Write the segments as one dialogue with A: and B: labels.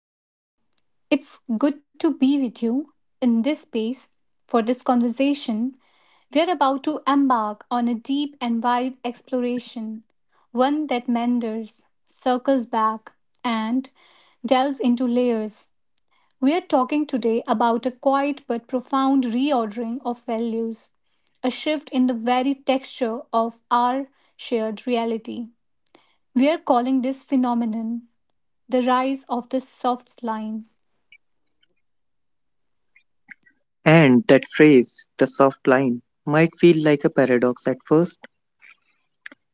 A: Welcome. It's good to be with you in this space for this conversation. We're about to embark on a deep and wide exploration, one that meanders, circles back, and delves into layers. We are talking today about a quiet but profound reordering of values, a shift in the very texture of our shared reality. We are calling this phenomenon the rise of the soft line.
B: And that phrase, the soft line, might feel like a paradox at first.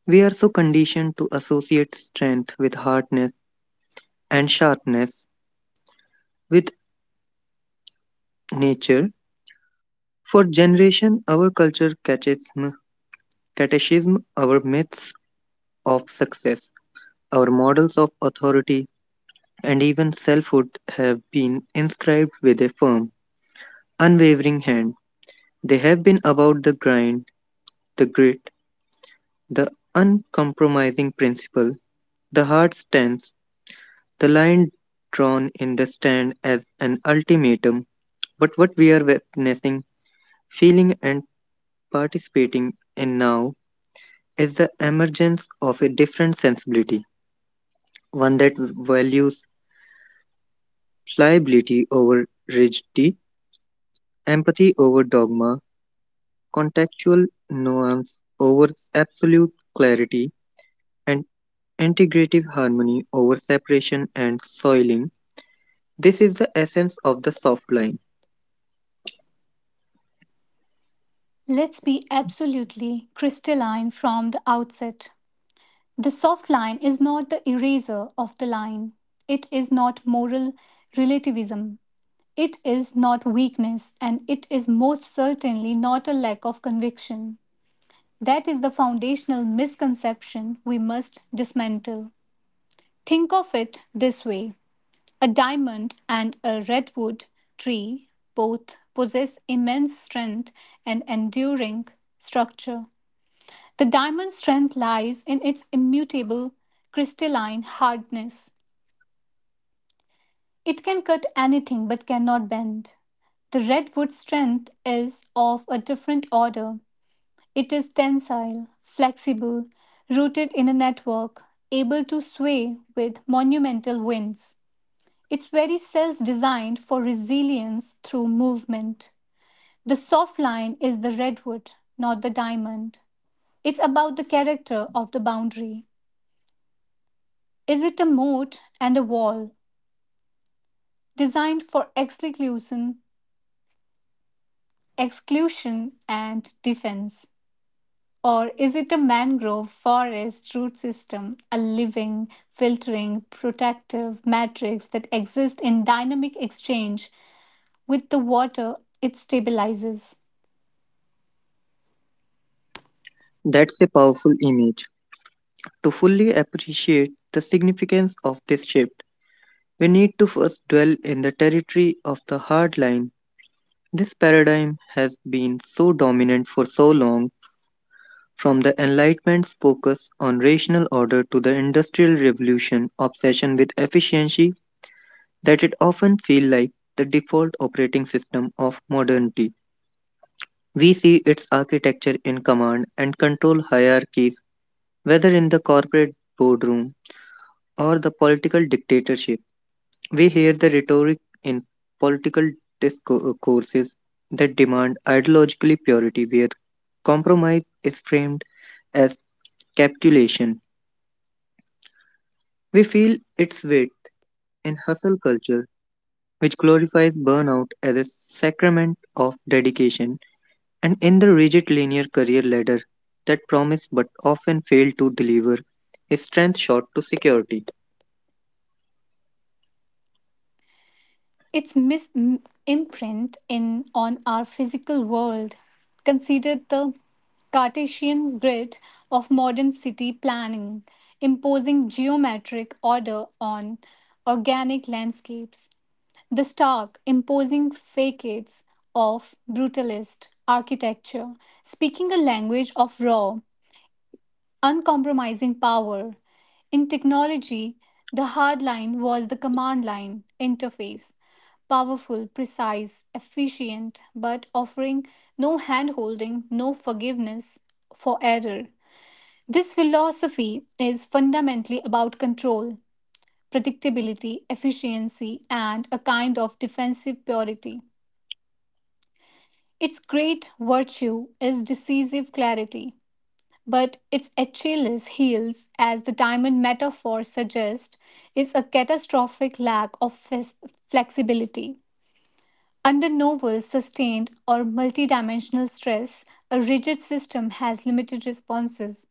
B: We are so conditioned to associate strength with hardness and sharpness with nature. For generation, our culture catechism, our myths of success, our models of authority, and even selfhood have been inscribed with a firm, unwavering hand. They have been about the grind, the grit, the uncompromising principle, the hard stance. The line drawn in the stand as an ultimatum, but what we are witnessing, feeling, and participating in now is the emergence of a different sensibility, one that values pliability over rigidity, empathy over dogma, contextual nuance over absolute clarity, and integrative harmony over separation and soiling. This is the essence of the soft line.
A: Let's be absolutely crystalline from the outset. The soft line is not the eraser of the line. It is not moral relativism. It is not weakness, and it is most certainly not a lack of conviction. That is the foundational misconception we must dismantle. Think of it this way, a diamond and a redwood tree both possess immense strength and enduring structure. The diamond's strength lies in its immutable crystalline hardness. It can cut anything but cannot bend. The redwood's strength is of a different order. It is tensile, flexible, rooted in a network, able to sway with monumental winds. Its very cells designed for resilience through movement. The soft line is the redwood, not the diamond. It's about the character of the boundary. Is it a moat and a wall designed for exclusion and defense? Or is it a mangrove forest root system, a living, filtering, protective matrix that exists in dynamic exchange with the water it stabilizes?
B: That's a powerful image. To fully appreciate the significance of this shift, we need to first dwell in the territory of the hard line. This paradigm has been so dominant for so long, from the Enlightenment's focus on rational order to the Industrial Revolution obsession with efficiency, that it often feels like the default operating system of modernity. We see its architecture in command and control hierarchies, whether in the corporate boardroom or the political dictatorship. We hear the rhetoric in political discourses that demand ideologically purity, where compromise is framed as capitulation. We feel its weight in hustle culture, which glorifies burnout as a sacrament of dedication, and in the rigid linear career ladder that promised but often failed to deliver a strength shot to security.
A: Its imprint in on our physical world, considered the cartesian grid of modern city planning, imposing geometric order on organic landscapes. The stark imposing facades of brutalist architecture speaking a language of raw uncompromising power. In technology, the hard line was the command line interface, powerful, precise, efficient, but offering no hand holding, no forgiveness for error. This philosophy is fundamentally about control, predictability, efficiency, and a kind of defensive purity. Its great virtue is decisive clarity, but its Achilles heels, as the diamond metaphor suggests, is a catastrophic lack of flexibility. Under novel, sustained, or multidimensional stress, a rigid system has limited responses.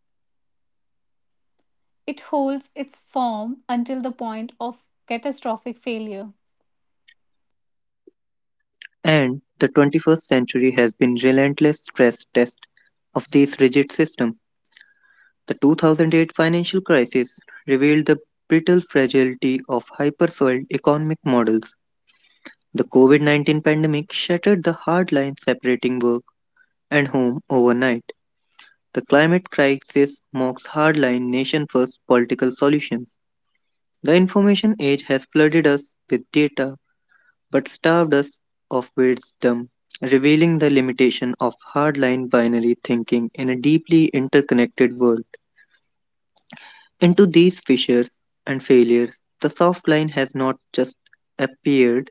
A: It holds its form until the point of catastrophic failure.
B: And the 21st century has been relentless stress test of this rigid system. The 2008 financial crisis revealed the brittle fragility of hyper-fueled economic models. The COVID-19 pandemic shattered the hard line separating work and home overnight. The climate crisis mocks hardline nation-first political solutions. The information age has flooded us with data but starved us of wisdom, revealing the limitation of hardline binary thinking in a deeply interconnected world. Into these fissures and failures, the soft line has not just appeared,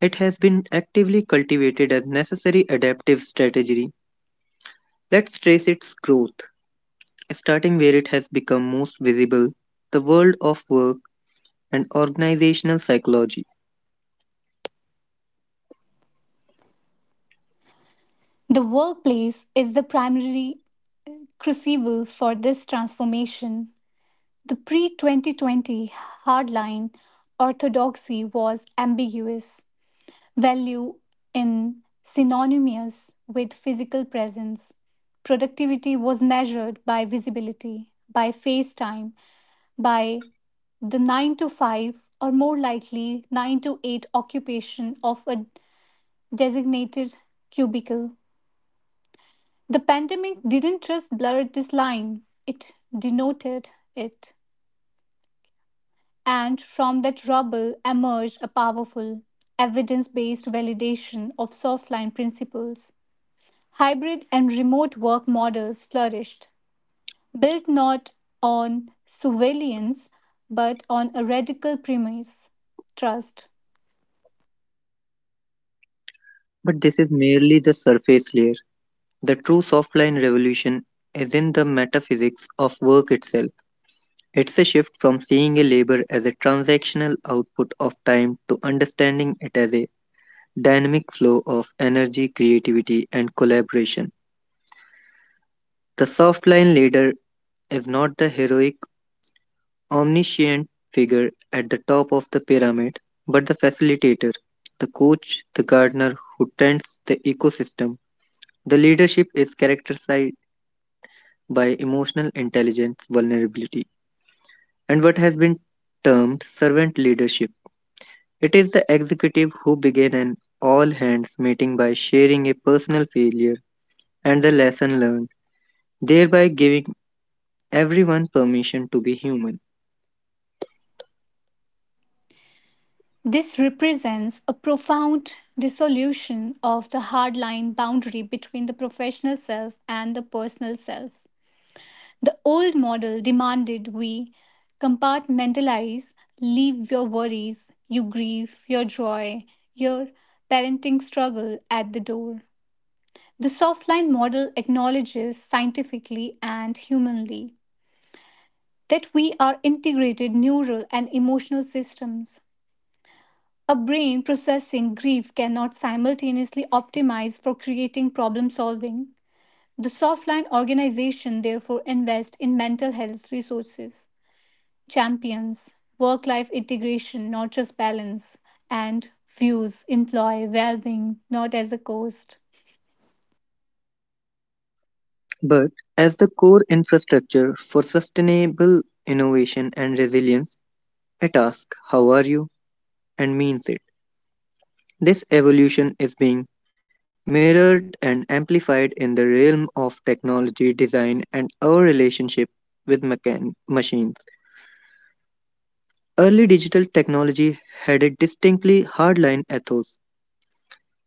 B: it has been actively cultivated as necessary adaptive strategy. Let's trace its growth, starting where it has become most visible, the world of work and organizational psychology.
A: The workplace is the primary crucible for this transformation. The pre 2020 hardline orthodoxy was ambiguous. Value in synonymous with physical presence. Productivity was measured by visibility, by face time, by the 9 to 5, or more likely 9 to 8, occupation of a designated cubicle. The pandemic didn't just blur this line, it denoted it. And from that rubble emerged a powerful, evidence based validation of softline principles. Hybrid and remote work models flourished, built not on surveillance but on a radical premise, trust.
B: But this is merely the surface layer. The true softline revolution is in the metaphysics of work itself. It's a shift from seeing a labor as a transactional output of time to understanding it as a dynamic flow of energy, creativity, and collaboration. The softline leader is not the heroic, omniscient figure at the top of the pyramid, but the facilitator, the coach, the gardener who tends the ecosystem. The leadership is characterized by emotional intelligence vulnerability and what has been termed servant leadership. It is the executive who began an all hands meeting by sharing a personal failure and the lesson learned, thereby giving everyone permission to be human.
A: This represents a profound dissolution of the hardline boundary between the professional self and the personal self. The old model demanded we compartmentalize, leave your worries, your grief, your joy, your parenting struggle at the door. The softline model acknowledges scientifically and humanly that we are integrated neural and emotional systems. A brain processing grief cannot simultaneously optimize for creating problem solving. The softline organization therefore invests in mental health resources, champions, work life integration, not just balance, and views employ well being not as a cost.
B: But as the core infrastructure for sustainable innovation and resilience, it asks, "How are you?" and means it. This evolution is being mirrored and amplified in the realm of technology design and our relationship with machines. Early digital technology had a distinctly hardline ethos.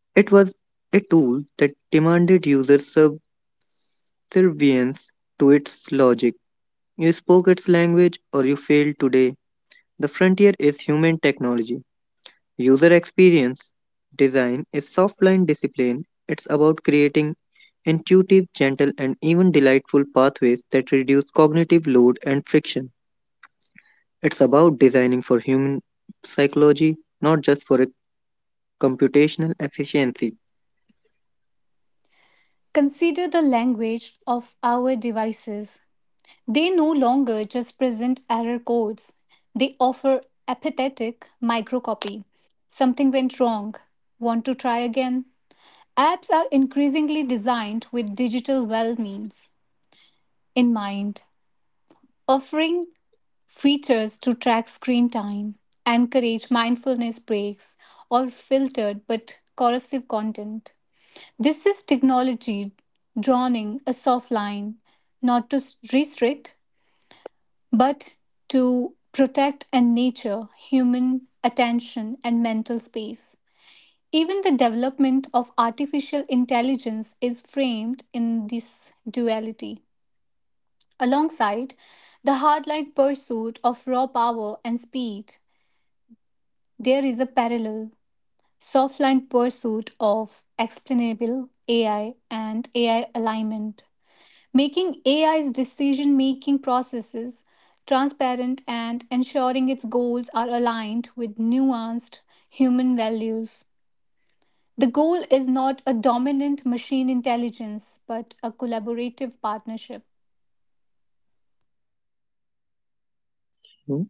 B: It was a tool that demanded user subservience to its logic. You spoke its language or you failed today. The frontier is human technology. User experience design is soft-line discipline. It's about creating intuitive, gentle, and even delightful pathways that reduce cognitive load and friction. It's about designing for human psychology, not just for a computational efficiency.
A: Consider the language of our devices. They no longer just present error codes, they offer apathetic microcopy. Something went wrong. Want to try again? Apps are increasingly designed with digital well means in mind, offering features to track screen time, encourage mindfulness breaks, or filtered but corrosive content. This is technology drawing a soft line, not to restrict but to protect and nature human attention and mental space. Even the development of artificial intelligence is framed in this duality. Alongside the hardline pursuit of raw power and speed, there is a parallel softline pursuit of explainable AI and AI alignment, making AI's decision making processes transparent and ensuring its goals are aligned with nuanced human values. The goal is not a dominant machine intelligence, but a collaborative partnership.
B: Hmm.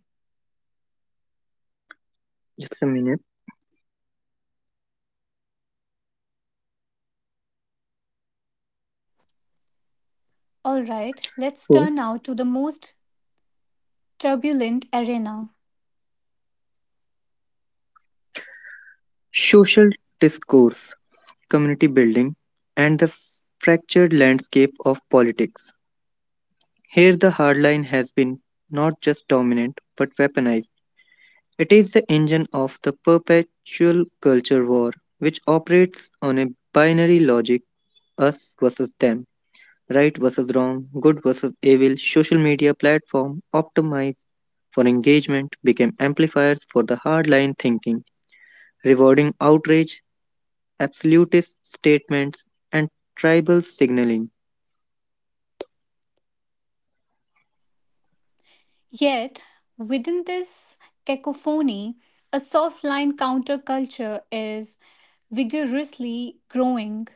B: Just a minute.
A: All right, let's
B: So,
A: turn now to the most turbulent arena.
B: social discourse, community building, and the fractured landscape of politics. Here, the hard line has been not just dominant but weaponized. It is the engine of the perpetual culture war, which operates on a binary logic, us versus them, right versus wrong, good versus evil. Social media platform optimized for engagement became amplifiers for the hardline thinking, rewarding outrage, absolutist statements, and tribal signaling.
A: Yet, within this cacophony, a soft line counterculture is vigorously growing.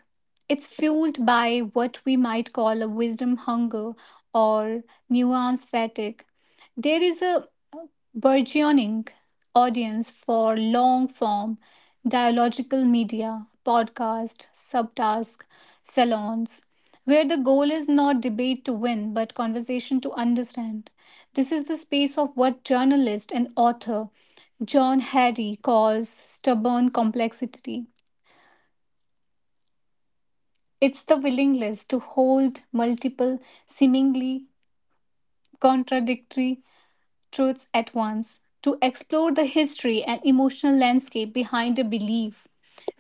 A: It's fueled by what we might call a wisdom hunger or nuance fatigue. There is a burgeoning audience for long form dialogical media, podcast, subtask, salons, where the goal is not debate to win but conversation to understand. This is the space of what journalist and author John Harry calls stubborn complexity. It's the willingness to hold multiple, seemingly contradictory truths at once, to explore the history and emotional landscape behind a belief,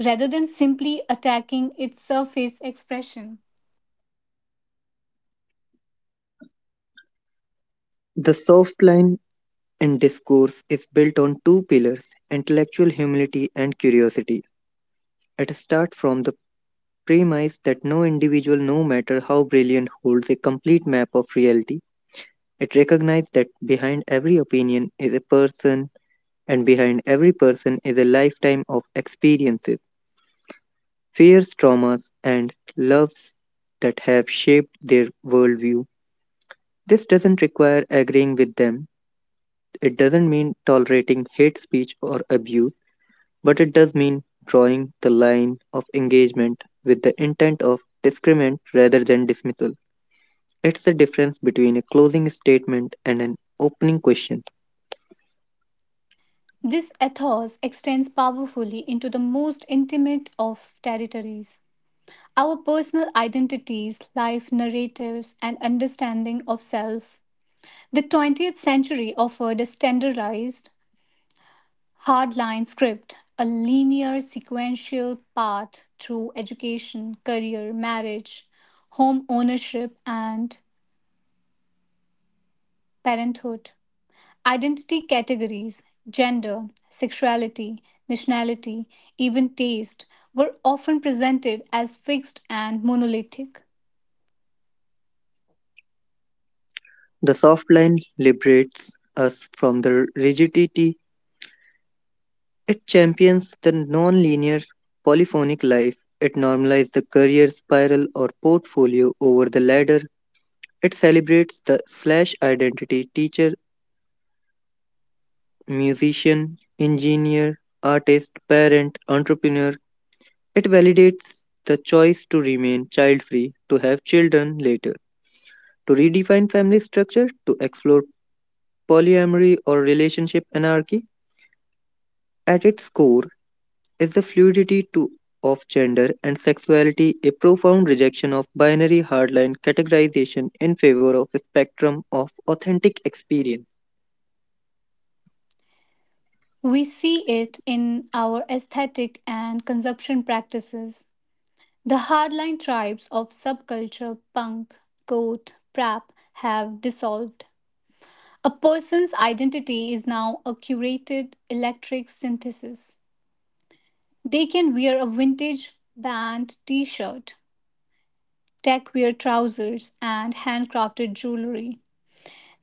A: rather than simply attacking its surface expression.
B: The soft line in discourse is built on two pillars, intellectual humility and curiosity. It starts from the premise that no individual, no matter how brilliant, holds a complete map of reality. It recognizes that behind every opinion is a person, and behind every person is a lifetime of experiences, fears, traumas, and loves that have shaped their worldview. This doesn't require agreeing with them, it doesn't mean tolerating hate speech or abuse, but it does mean drawing the line of engagement with the intent of discriminant rather than dismissal. It's the difference between a closing statement and an opening question.
A: This ethos extends powerfully into the most intimate of territories. Our personal identities, life narratives, and understanding of self. The 20th century offered a standardized, hardline script, a linear, sequential path through education, career, marriage, home ownership, and parenthood. Identity categories, gender, sexuality, nationality, even taste, were often presented as fixed and monolithic.
B: The soft line liberates us from the rigidity, it champions the non linear polyphonic life, it normalizes the career spiral or portfolio over the ladder, it celebrates the slash identity teacher, musician, engineer, artist, parent, entrepreneur. It validates the choice to remain child free, to have children later, to redefine family structure, to explore polyamory or relationship anarchy. At its core is the fluidity to, of gender and sexuality, a profound rejection of binary hardline categorization in favor of a spectrum of authentic experience.
A: We see it in our aesthetic and consumption practices. The hardline tribes of subculture punk, goth, prap have dissolved. A person's identity is now a curated electric synthesis. They can wear a vintage band t shirt, tech wear trousers, and handcrafted jewelry.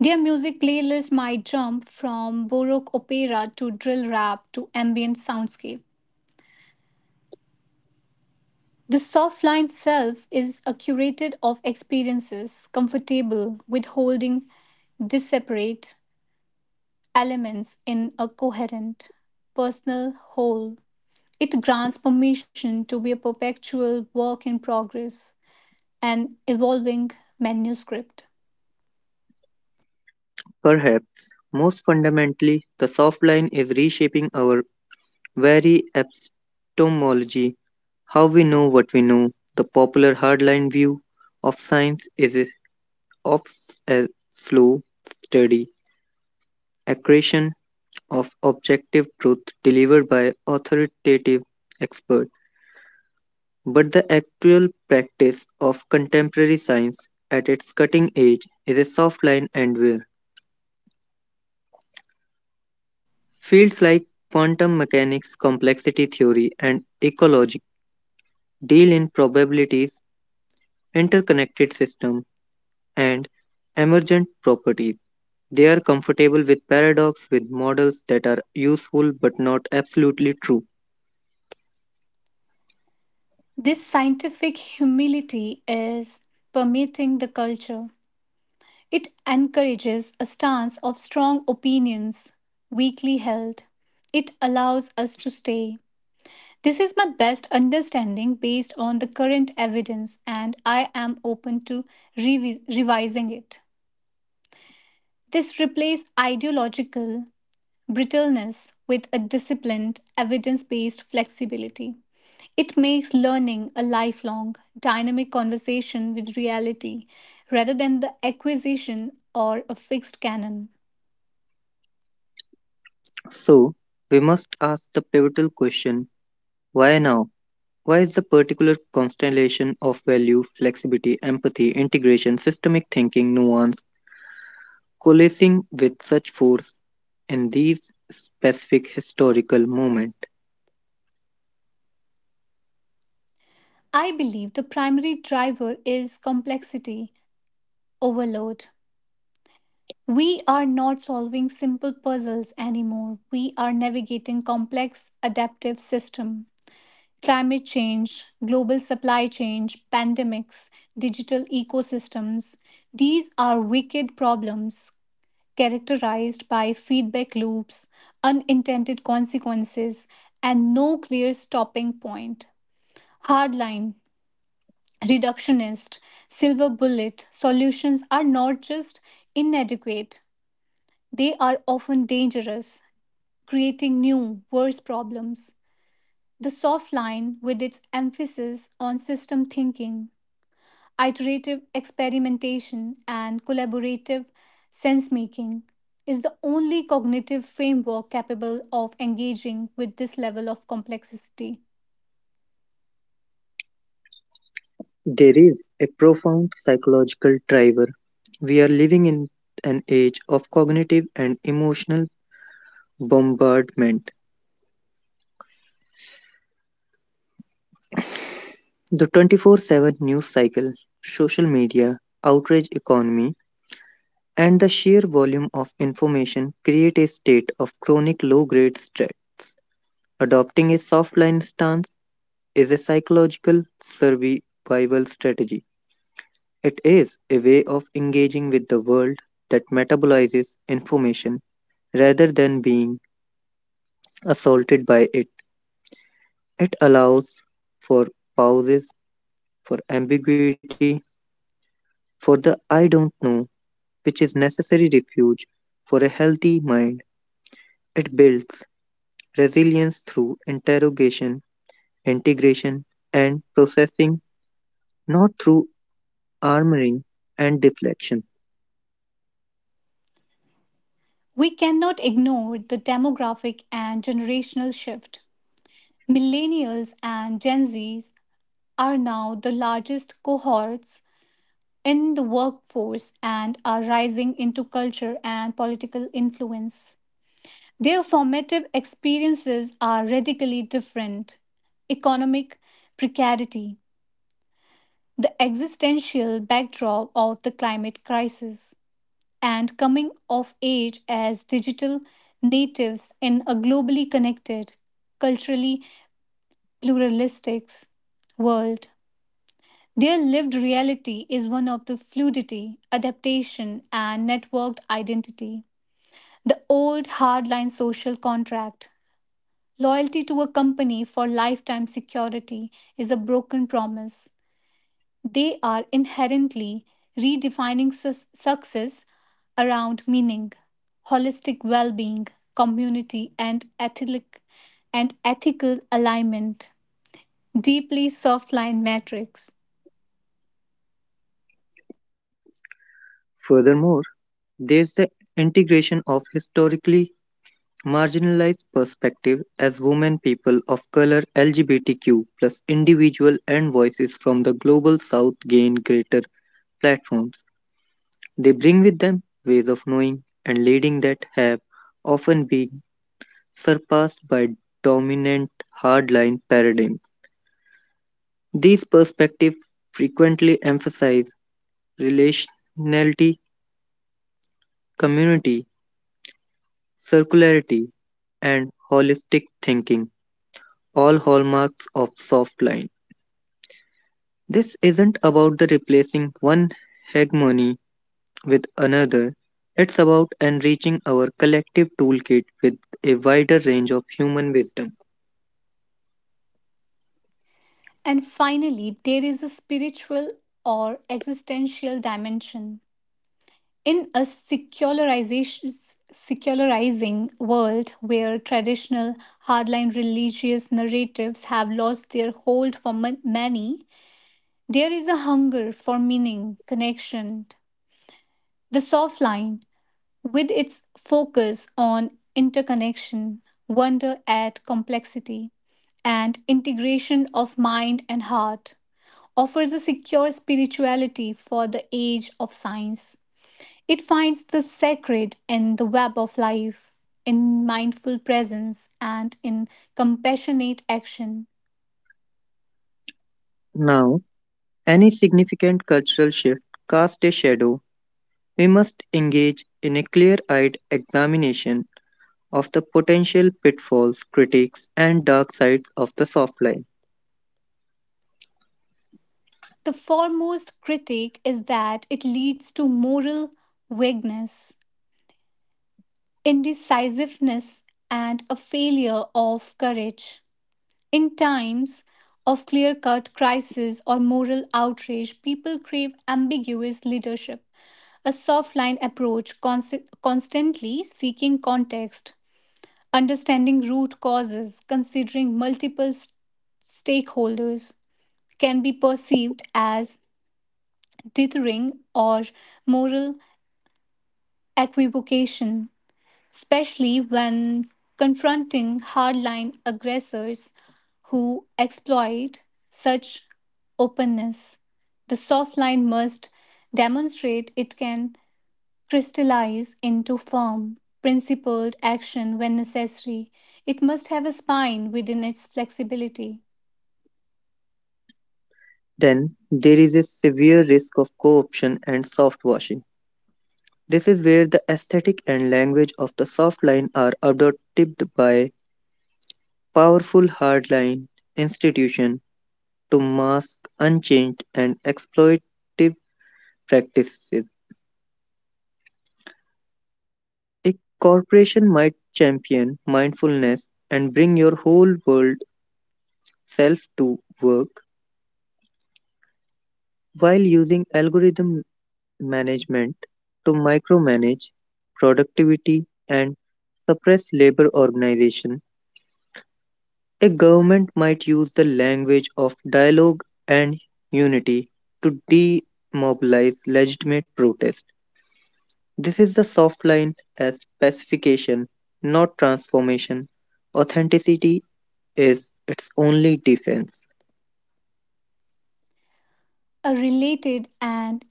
A: Their music playlist might jump from Baroque opera to drill rap to ambient soundscape. The soft line self is a curated of experiences, comfortable with holding disparate elements in a coherent, personal whole. It grants permission to be a perpetual work in progress, an evolving manuscript.
B: Perhaps most fundamentally, the soft line is reshaping our very epistemology, how we know what we know. The popular hardline view of science is of a slow, steady accretion of objective truth delivered by authoritative experts. But the actual practice of contemporary science at its cutting edge is a soft line, and where fields like quantum mechanics, complexity theory, and ecology deal in probabilities, interconnected system and emergent properties. They are comfortable with paradox, with models that are useful but not absolutely true.
A: This scientific humility is permeating the culture. It encourages a stance of strong opinions, weakly held. It allows us to stay, this is my best understanding based on the current evidence, and I am open to revising it. This replaces ideological brittleness with a disciplined, evidence based flexibility. It makes learning a lifelong, dynamic conversation with reality rather than the acquisition or a fixed canon.
B: So, we must ask the pivotal question, why now? Why is the particular constellation of value, flexibility, empathy, integration, systemic thinking, nuance coalescing with such force in these specific historical moment?
A: I believe the primary driver is complexity overload. We are not solving simple puzzles anymore. We are navigating complex adaptive systems. Climate change, global supply change, pandemics, digital ecosystems. These are wicked problems characterized by feedback loops, unintended consequences, and no clear stopping point. Hardline, reductionist, silver bullet solutions are not just inadequate, they are often dangerous, creating new, worse problems. The soft line, with its emphasis on system thinking, iterative experimentation, and collaborative sense making, is the only cognitive framework capable of engaging with this level of complexity.
B: There is a profound psychological driver. We are living in an age of cognitive and emotional bombardment. The 24/7 news cycle, social media, outrage economy, and the sheer volume of information create a state of chronic low grade stress. Adopting a soft line stance is a psychological survival strategy. It is a way of engaging with the world that metabolizes information rather than being assaulted by it. It allows for pauses, for ambiguity, for the I don't know, which is necessary refuge for a healthy mind. It builds resilience through interrogation, integration, and processing, not through armoring and deflection.
A: We cannot ignore the demographic and generational shift. Millennials and Gen Zs are now the largest cohorts in the workforce and are rising into culture and political influence. Their formative experiences are radically different. Economic precarity, the existential backdrop of the climate crisis, and coming of age as digital natives in a globally connected, culturally pluralistic world. Their lived reality is one of the fluidity, adaptation, and networked identity. The old hardline social contract, loyalty to a company for lifetime security, is a broken promise. They are inherently redefining success around meaning, holistic well being, community, and ethical alignment. Deeply softline metrics.
B: Furthermore, there's the integration of historically marginalized perspective as women, people of color, LGBTQ plus individual and voices from the global south gain greater platforms. They bring with them ways of knowing and leading that have often been surpassed by dominant hardline paradigms. These perspectives frequently emphasize relationality, community, circularity, and holistic thinking, all hallmarks of soft line. This isn't about the replacing one hegemony with another. It's about enriching our collective toolkit with a wider range of human wisdom.
A: And finally, there is a spiritual or existential dimension. In a secularizing world where traditional hardline religious narratives have lost their hold for many, there is a hunger for meaning, connection. The soft line, with its focus on interconnection, wonder at complexity, and integration of mind and heart, offers a secure spirituality for the age of science. It finds the sacred in the web of life, in mindful presence, and in compassionate action.
B: Now, any significant cultural shift casts a shadow. We must engage in a clear eyed examination of the potential pitfalls, critiques, and dark sides of the soft line.
A: The foremost critique is that it leads to moral vagueness, indecisiveness, and a failure of courage. In times of clear cut crisis or moral outrage, people crave ambiguous leadership. A soft line approach, constantly seeking context, understanding root causes, considering multiple stakeholders, can be perceived as dithering or moral equivocation, especially when confronting hardline aggressors who exploit such openness. The soft line must demonstrate it can crystallize into firm, principled action when necessary. It must have a spine within its flexibility.
B: Then, there is a severe risk of co option and soft washing. This is where the aesthetic and language of the soft line are adopted by powerful hardline institutions to mask unchanged and exploitative practices. A corporation might champion mindfulness and bring your whole world self to work while using algorithm management to micromanage productivity and suppress labor organization. A government might use the language of dialogue and unity to demobilize legitimate protest. This is the soft line as pacification, not transformation. Authenticity is its only defense.
A: A related and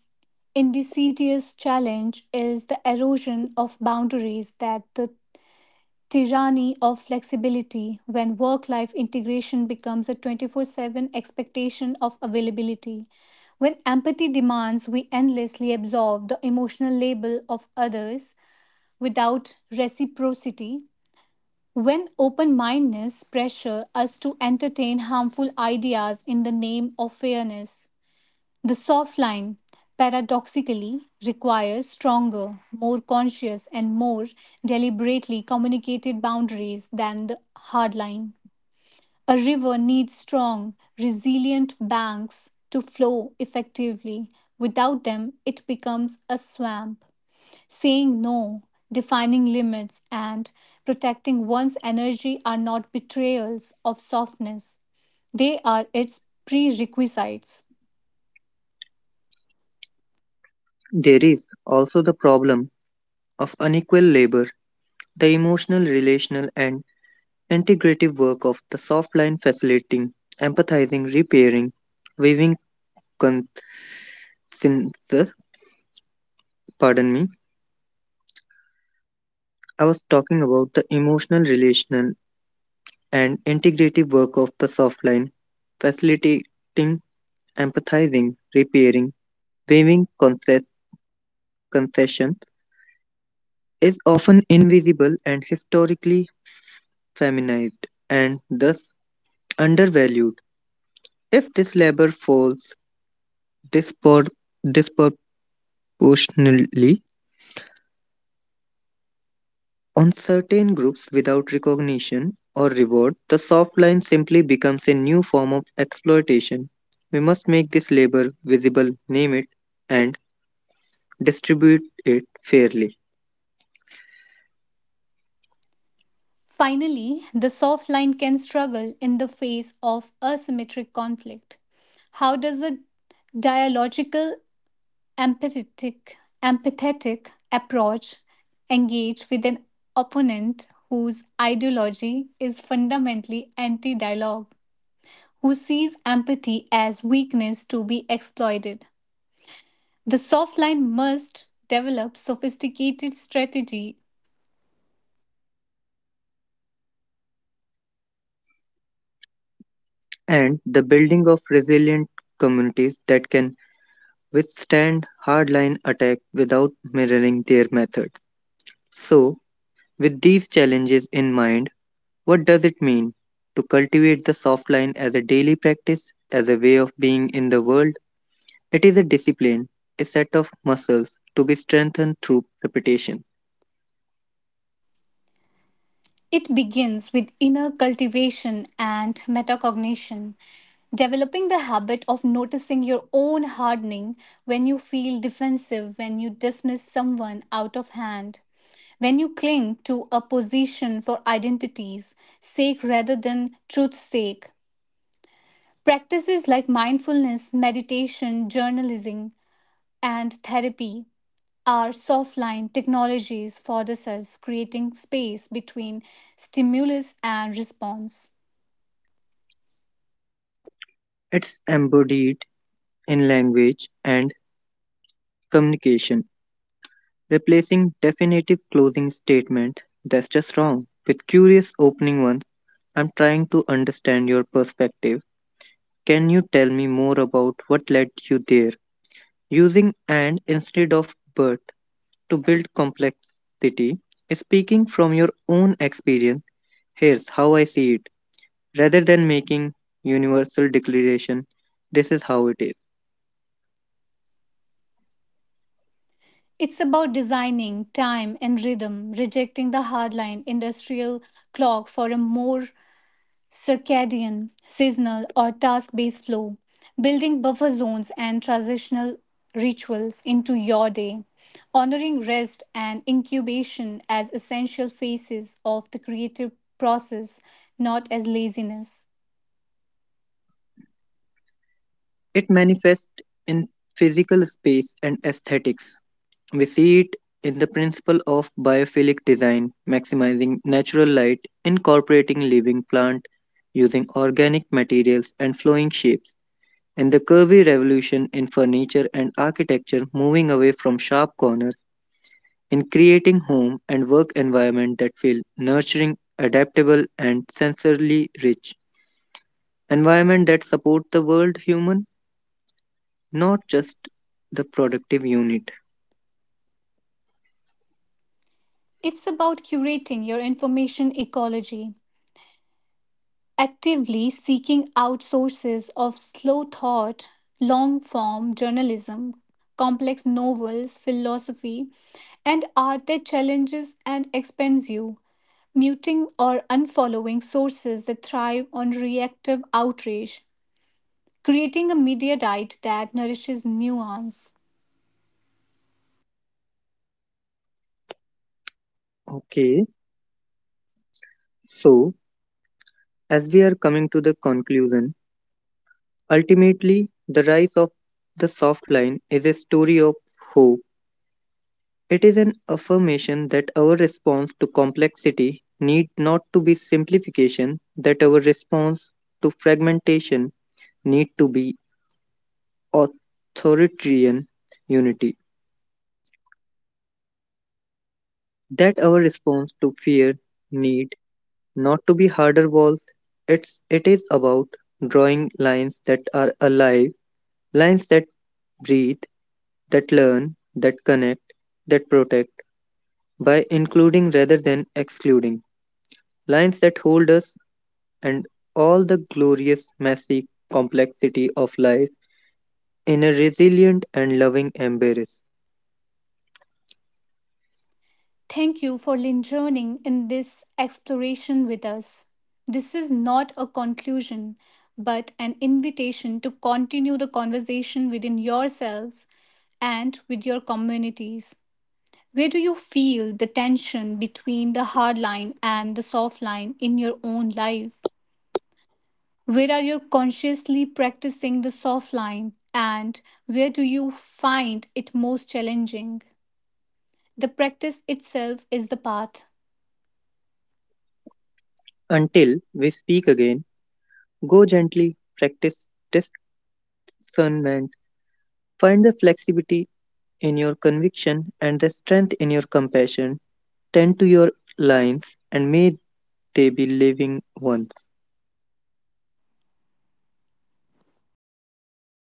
A: indecidous challenge is the erosion of boundaries, that the tyranny of flexibility when work life integration becomes a 24/7 expectation of availability. When empathy demands we endlessly absorb the emotional label of others without reciprocity, when open mindedness pressure us to entertain harmful ideas in the name of fairness, the soft line paradoxically requires stronger, more conscious, and more deliberately communicated boundaries than the hard line. A river needs strong, resilient banks to flow effectively. Without them, it becomes a swamp. Saying no, defining limits, and protecting one's energy are not betrayals of softness, they are its prerequisites.
B: There is also the problem of unequal labor, the emotional, relational, and integrative work of the soft line facilitating, empathizing, repairing, weaving consensus, pardon me, I was talking about the emotional, relational, and integrative work of the soft line, facilitating, empathizing, repairing, waiving concessions is often invisible and historically feminized and thus undervalued. If this labor falls dispor- disproportionately on certain groups without recognition or reward, the soft line simply becomes a new form of exploitation. We must make this labor visible, name it, and distribute it fairly.
A: Finally, the soft line can struggle in the face of asymmetric conflict. How does a dialogical, empathetic, empathetic approach engage with an opponent whose ideology is fundamentally anti dialogue? Who sees empathy as weakness to be exploited. The soft line must develop sophisticated strategy.
B: And the building of resilient communities that can withstand hardline attack without mirroring their methods. So, with these challenges in mind, what does it mean to cultivate the soft line as a daily practice, as a way of being in the world? It is a discipline, a set of muscles to be strengthened through repetition.
A: It begins with inner cultivation and metacognition, developing the habit of noticing your own hardening when you feel defensive, when you dismiss someone out of hand, when you cling to a position for identity's sake rather than truth's sake. Practices like mindfulness, meditation, journalism, and therapy are soft line technologies for the self, creating space between stimulus and response.
B: It's embodied in language and communication, replacing definitive closing statement that's just wrong with curious opening ones. I'm trying to understand your perspective. Can you tell me more about what led you there? Using and instead of but to build complexity, speaking from your own experience, here's how I see it. Rather than making universal declaration, this is how it is.
A: It's about designing time and rhythm, rejecting the hardline industrial clock for a more circadian, seasonal, or task based flow, building buffer zones and transitional rituals into your day, honoring rest and incubation as essential phases of the creative process, not as laziness.
B: It manifests in physical space and aesthetics. We see it in the principle of biophilic design, maximizing natural light, incorporating living plant, using organic materials and flowing shapes, and the curvy revolution in furniture and architecture, moving away from sharp corners, in creating home and work environment that feel nurturing, adaptable and sensorily rich. Environment that support the world human, not just the productive unit.
A: It's about curating your information ecology, actively seeking out sources of slow thought, long form journalism, complex novels, philosophy, and art that challenges and expands you, muting or unfollowing sources that thrive on reactive outrage, creating a media diet that nourishes nuance.
B: Okay, so as we are coming to the conclusion, ultimately the rise of the soft line is a story of hope. It is an affirmation that our response to complexity need not to be simplification, that our response to fragmentation need to be authoritarian unity. That our response to fear need not to be harder walls. It is about drawing lines that are alive, lines that breathe, that learn, that connect, that protect, by including rather than excluding, lines that hold us and all the glorious, messy complexity of life in a resilient and loving embrace.
A: Thank you for joining in this exploration with us. This is not a conclusion, but an invitation to continue the conversation within yourselves and with your communities. Where do you feel the tension between the hard line and the soft line in your own life? Where are you consciously practicing the soft line, and where do you find it most challenging? The practice itself is the path.
B: Until we speak again, go gently, practice discernment. Find the flexibility in your conviction and the strength in your compassion. Tend to your lines and may they be living ones.